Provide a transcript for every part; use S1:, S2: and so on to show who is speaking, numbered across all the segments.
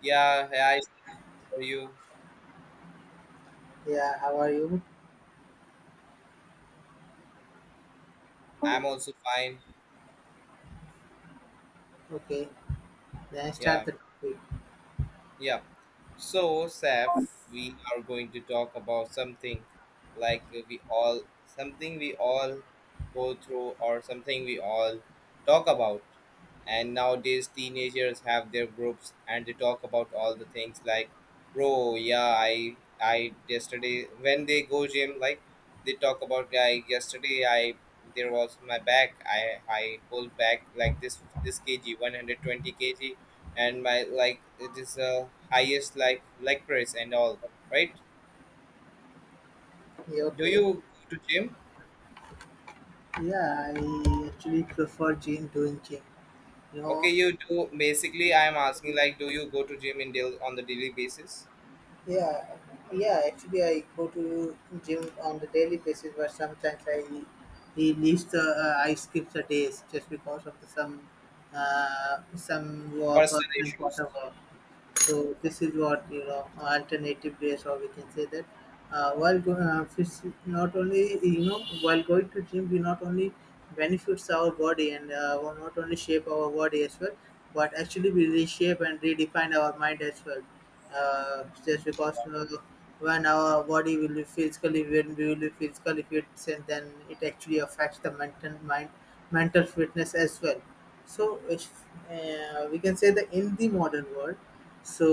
S1: Yeah, yeah, I see for you.
S2: Yeah, how are you?
S1: I'm also fine.
S2: Okay, then I start
S1: Yeah,
S2: the topic.
S1: yeah. So, Saf, we are going to talk about something like we all, something we all go through or something we all talk about. And nowadays, teenagers have their groups and they talk about all the things like, bro, yeah, I yesterday when they go gym, like they talk about guy yesterday, I there was my back, I pulled back like this kg, 120 kg and my like it is highest like leg press and all right.
S2: Yeah,
S1: Do you
S2: okay.
S1: go to gym?
S2: Yeah, I actually prefer gym doing gym. You
S1: Okay,
S2: know,
S1: you do. Basically, I am asking like, do you go to gym in daily, on the daily basis?
S2: yeah, yeah. Actually, I go to gym on the daily basis, but sometimes I he leaves the I skip the days just because of the some work or
S1: Personal
S2: some
S1: issues.
S2: quarter work. So this is what you know alternative days, or we can say that not only you know while going to gym, we not only benefits our body and not only shape our body as well, but actually we reshape and redefine our mind as well just because when our body will be physically when we will be physically fit and then it actually affects the mental mind mental fitness as well so if, we can say that in the modern world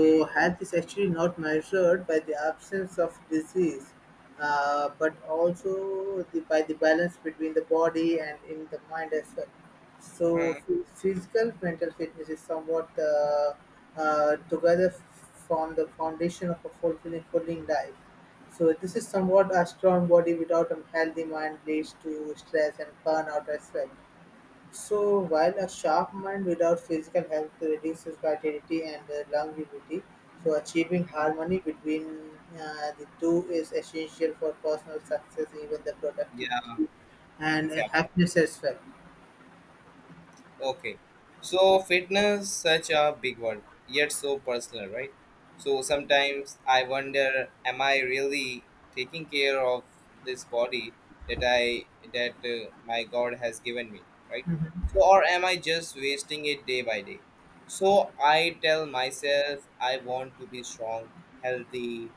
S1: Hmm
S2: health is actually not measured by the absence of disease but also the, by the balance between the body and in the mind as well
S1: hmm
S2: so
S1: hmm.
S2: physical mental fitness is somewhat together form the foundation of a fulfilling life. So this is somewhat a strong body without a healthy mind leads to stress and burnout as well. So while a sharp mind without physical health reduces vitality and longevity, so achieving
S1: Hmm.
S2: harmony between the two is essential for personal success, even the
S1: Yeah,
S2: productivity and
S1: exactly.
S2: happiness as well.
S1: Okay. So fitness such a big one, yet so personal, right? So sometimes I wonder, am I really taking care of this body that I that my God has given me, right?
S2: Mhm.
S1: So or am I just wasting it day by day? So I tell myself I want to be strong, healthy,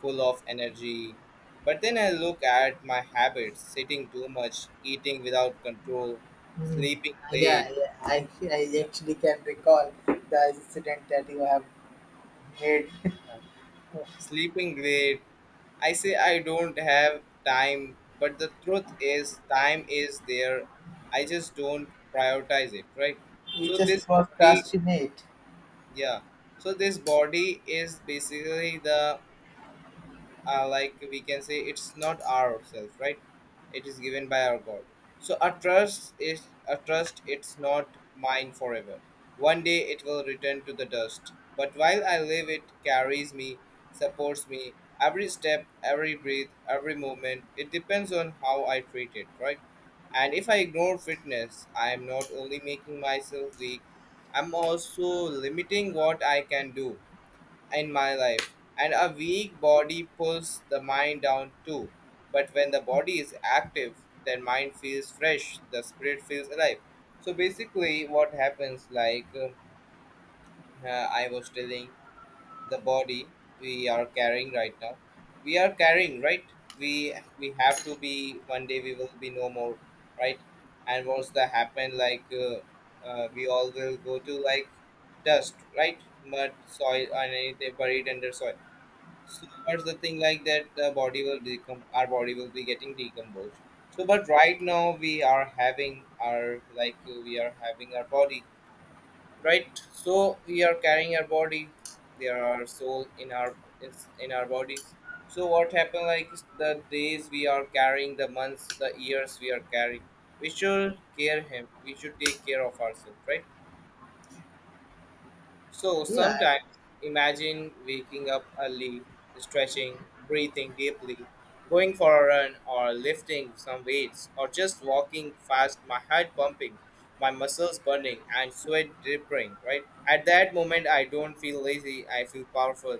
S1: full of energy. But then I look at my habits, sitting too much, eating without control,
S2: Hmm.
S1: sleeping late.
S2: Yeah, yeah. I
S1: Yeah.
S2: actually can recall the incident that you have made.
S1: Yeah. Sleeping great. I say I don't have time, but the truth is, time is there. I just don't prioritize it, right?
S2: You
S1: So,
S2: just
S1: this body,
S2: procrastinate.
S1: yeah. So, this body is basically the like we can say it's not ourselves, right? It is given by our god. So a trust is a trust, it's not mine forever. One day it will return to the dust, but while I live it carries me, supports me every step, every breath, every moment. It depends on how I treat it, right? And if I ignore fitness, I am not only making myself weak, I'm also limiting what I can do in my life. And a weak body pulls the mind down too. But when the body is active, then mind feels fresh, the spirit feels alive. So basically, what happens, like I was telling, the body we are carrying right now, we are carrying right. We have to be one day we will be no more, right? And what's that happen? Like we all will go to like dust, right? Mud, soil, and anything buried under soil. So that's the thing like that the body will decom our body will be getting decomposed. So but right now we are having our like we are having our body right. So we are carrying our body. There are soul in our is in our bodies. So what happened like the days we are carrying, the months, the years we are carrying. We should care him. We should take care of ourselves, right? So
S2: Yeah,
S1: sometimes imagine waking up early, stretching, breathing deeply, going for a run or lifting some weights or just walking fast, my heart pumping, my muscles burning and sweat dripping, right? At that moment I don't feel lazy, I feel powerful.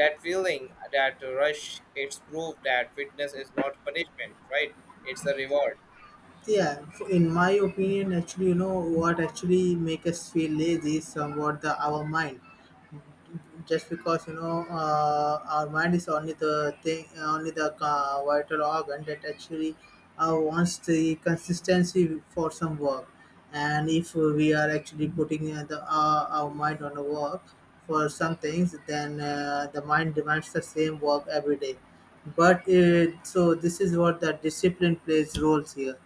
S1: That feeling, that rush, it's proof that fitness is not punishment, right? It's a reward.
S2: yeah. In my opinion, actually, you know what actually make us feel lazy is somewhat the our mind. Just because you know our mind is only the thing only the vital organ that actually wants the consistency for some work, and if we are actually putting the our mind on the work for some things then the mind demands the same work every day but so this is what the discipline plays roles here.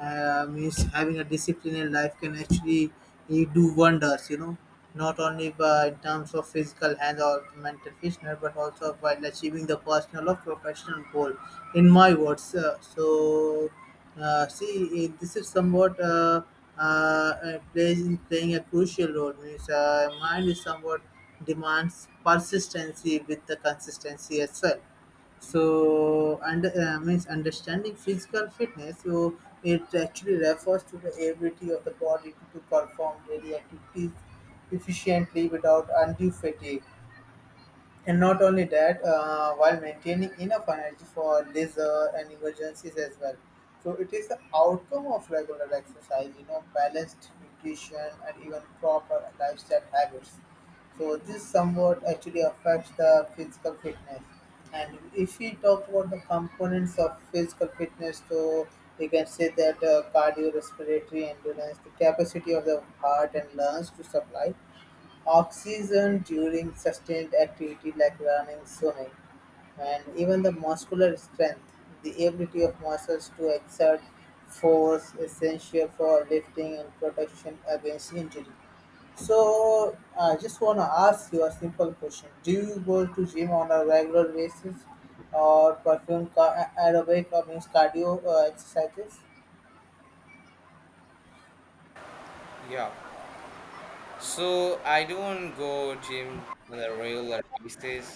S2: Is having a disciplined life can actually do wonders, you know, not only by, in terms of physical health or mental fitness, but also while achieving the personal or professional goal, in my words. See, this is somewhat plays in playing a crucial role. Means, mind is somewhat demands persistency with the consistency as well, so, under means understanding physical fitness, so it actually refers to the ability of the body to perform daily activities efficiently without undue fatigue. And not only that, while maintaining enough energy for leisure and emergencies as well. So it is the outcome of regular exercise, you know, balanced nutrition and even proper lifestyle habits. So this somewhat actually affects the physical fitness. And if we talk about the components of physical fitness, so we can say that cardiorespiratory endurance, the capacity of the heart and lungs to supply oxygen during sustained activity like running, swimming, and even the muscular strength, the ability of muscles to exert force essential for lifting and protection against injury. So I just want to ask you a simple question. Do you go to gym on a regular basis or perform aerobic or means cardio exercises?
S1: Yeah. So I don't go gym on a regular basis.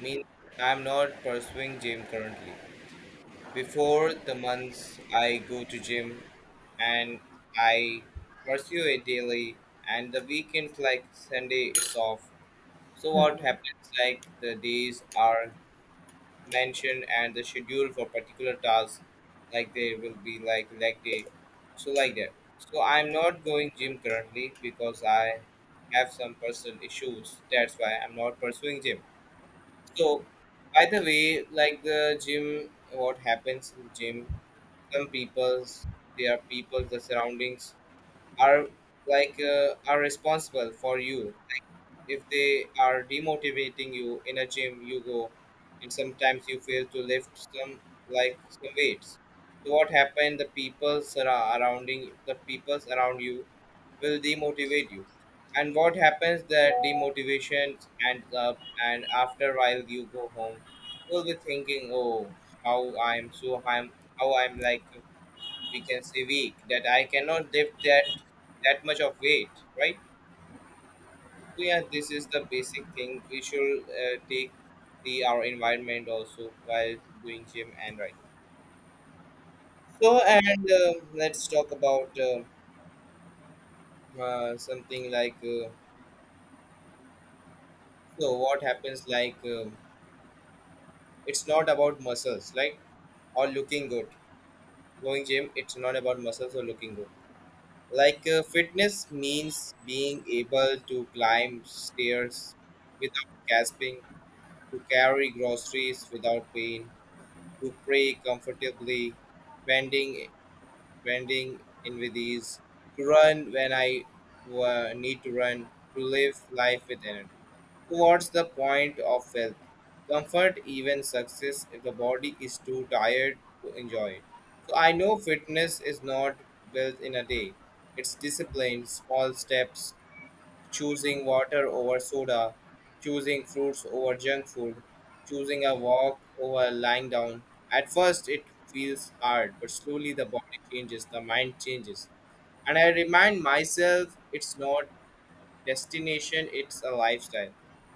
S1: Means I'm not pursuing gym currently. Before the months I go to gym and I pursue it daily and the weekends like Sunday is off. So what happens like the days are mentioned and the schedule for particular tasks like there will be like leg day. So like that. So I'm not going gym currently because I have some personal issues. That's why I'm not pursuing gym. So, by the way, like the gym, what happens in gym? Some people's, their people, the surroundings are like are responsible for you. If they are demotivating you in a gym, you go, and sometimes you fail to lift some like some weights. So what happened? The people surrounding the peoples around you will demotivate you, and what happens, that demotivation ends up and after a while you go home, you'll be thinking, oh, how I'm so I'm how I'm like we can say weak that I cannot lift that much of weight, right? So yeah, this is the basic thing, we should take the our environment also while doing gym and right. So and let's talk about something like so what happens like it's not about muscles like or looking good, going gym, it's not about muscles or looking good, like fitness means being able to climb stairs without gasping, to carry groceries without pain, to pray comfortably, bending bending in with ease, to run when I need to run, to live life with energy. So, what's the point of health? Comfort, even success, if the body is too tired to enjoy it. So, I know fitness is not built in a day, it's discipline, small steps, choosing water over soda, choosing fruits over junk food, choosing a walk over lying down. At first, it feels hard, but slowly the body changes, the mind changes. And I remind myself, it's not destination, it's a lifestyle.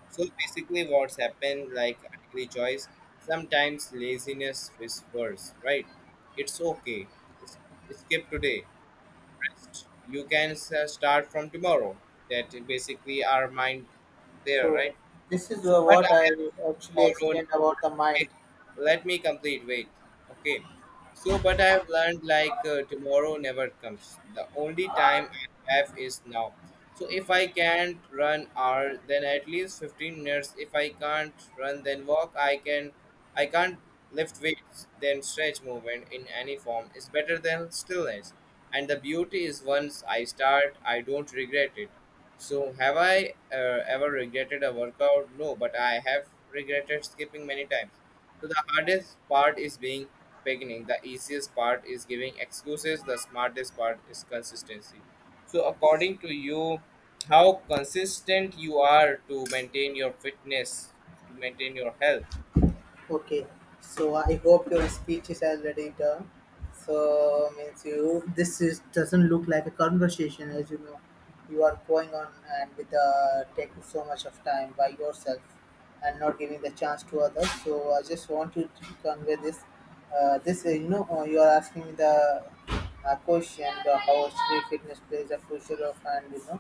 S1: So basically, what's happened, like a daily choice, sometimes laziness whispers, right? It's okay. It's, skip today, you can start from tomorrow, that basically our mind there,
S2: So
S1: right?
S2: this is
S1: So but
S2: what I actually
S1: tomorrow.
S2: explained about the
S1: Let me,
S2: mind.
S1: let me complete. Wait. Okay. So, but I have learned like tomorrow never comes. The only time I have is now. So if I can't run hour, then at least 15 minutes. If I can't run, then walk. I can't lift weights. Then stretch movement in any form is better than stillness. And the beauty is once I start, I don't regret it. So, have I ever regretted a workout? No, but I have regretted skipping many times. So, the hardest part is being beginning, the easiest part is giving excuses, the smartest part is consistency. So, according to you, how consistent you are to maintain your fitness, to maintain your health?
S2: Okay, so I hope your speech is already done. So means you this is doesn't look like a conversation as you know. You are going on and with taking so much of time by yourself and not giving the chance to others. So I just want you to convey this. You know you are asking the question how street fitness plays a future of and you know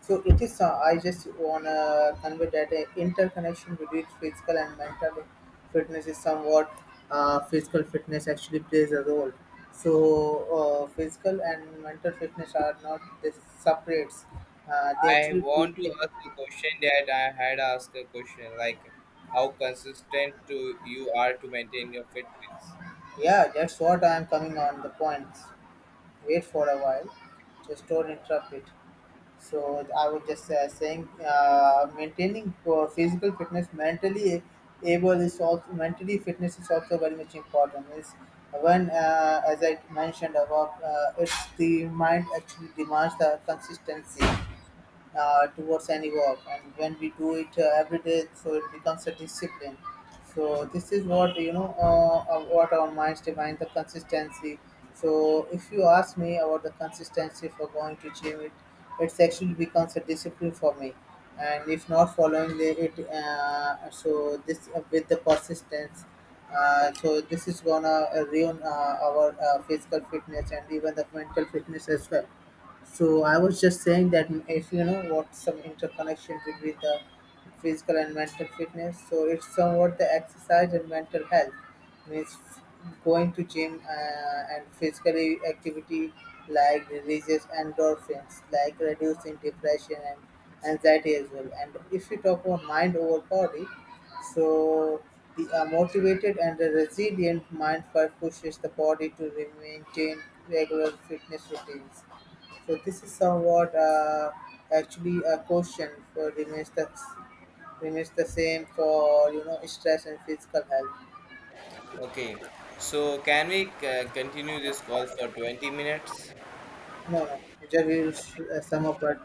S2: so it is. I just wanna convey that interconnection between physical and mental fitness is somewhat. Physical fitness actually plays a role. So physical and mental fitness are not this separates. They
S1: I
S2: actually
S1: want to
S2: deeply-
S1: ask a question that I had asked a question like, how consistent to you are to maintain your fitness?
S2: Yeah, that's what I am coming on the points. Wait for a while. Just don't interrupt it. So I was just saying, maintaining physical fitness, mentally able is also mentally fitness is also very much important. Is when, as I mentioned above, it's the mind actually demands the consistency towards any work, and when we do it every day so it becomes a discipline, so this is what you know what our minds define the consistency, so if you ask me about the consistency for going to gym it's actually becomes a discipline for me, and if not following the, it so this with the persistence so this is gonna ruin our physical fitness and even the mental fitness as well, so I was just saying that if you know what some interconnection between the physical and mental fitness, so it's somewhat the exercise and mental health means going to gym and physically activity like releases endorphins, like reducing depression and anxiety as well. And if you talk about mind over body, so the a motivated and a resilient mind pushes the body to maintain regular fitness routines, so this is somewhat actually a question for remains the same for you know stress and physical health.
S1: Okay, so can we continue this call for 20 minutes?
S2: No, no, just we will sum up at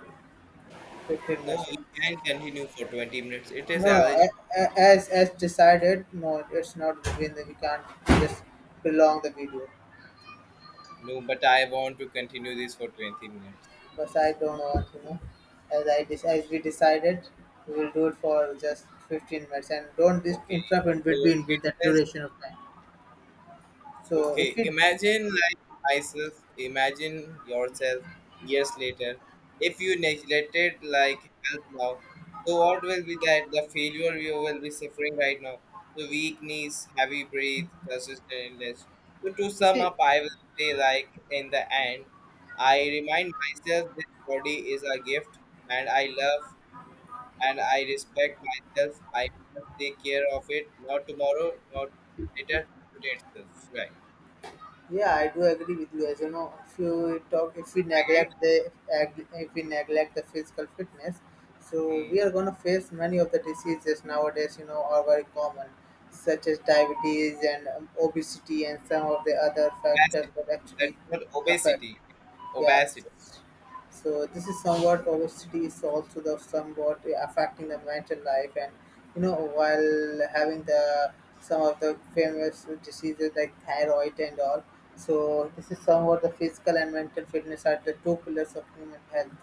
S2: fifteen
S1: No,
S2: minutes.
S1: we can continue for 20 minutes. It
S2: No,
S1: is
S2: no,
S1: allergic.
S2: as decided, no, it's not within the we can't just prolong the video.
S1: No, but I want to continue this for 20 minutes.
S2: Because I don't want you know, as I as we decided, we will do it for just 15 minutes and don't
S1: Okay,
S2: interrupt in
S1: so
S2: between with the
S1: fitness
S2: duration of time. So
S1: okay,
S2: if we
S1: imagine like myself, imagine yourself years later. If you neglected like health now, so what will be that? The failure you will be suffering right now. So weak knees, heavy breath, consistent illness. So to sum
S2: see.
S1: up, I will say like in the end, I remind myself this body is a gift and I love and I respect myself. I must take care of it, not tomorrow, not later, today itself. Right.
S2: Yeah, I do agree with you. As you know, if you talk, if we
S1: Agree?
S2: neglect the, if we neglect the physical fitness, so
S1: Mm.
S2: we are gonna face many of the diseases nowadays. You know, are very common, such as diabetes and obesity and some of the other
S1: That's
S2: factors that
S1: That's
S2: actually
S1: not
S2: affect.
S1: obesity,
S2: Yeah.
S1: obesity.
S2: So this is somewhat obesity is also the somewhat affecting the mental life, and you know while having the some of the famous diseases like thyroid and all. So this is somewhat the physical and mental fitness are the two pillars of human health.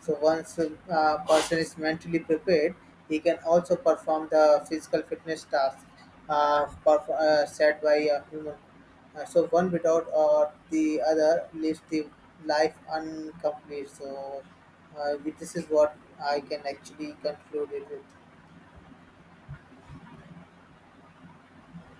S2: So once a person is mentally prepared, he can also perform the physical fitness task set by a human. So one without or the other leaves the life incomplete. So this is what I can actually conclude it with.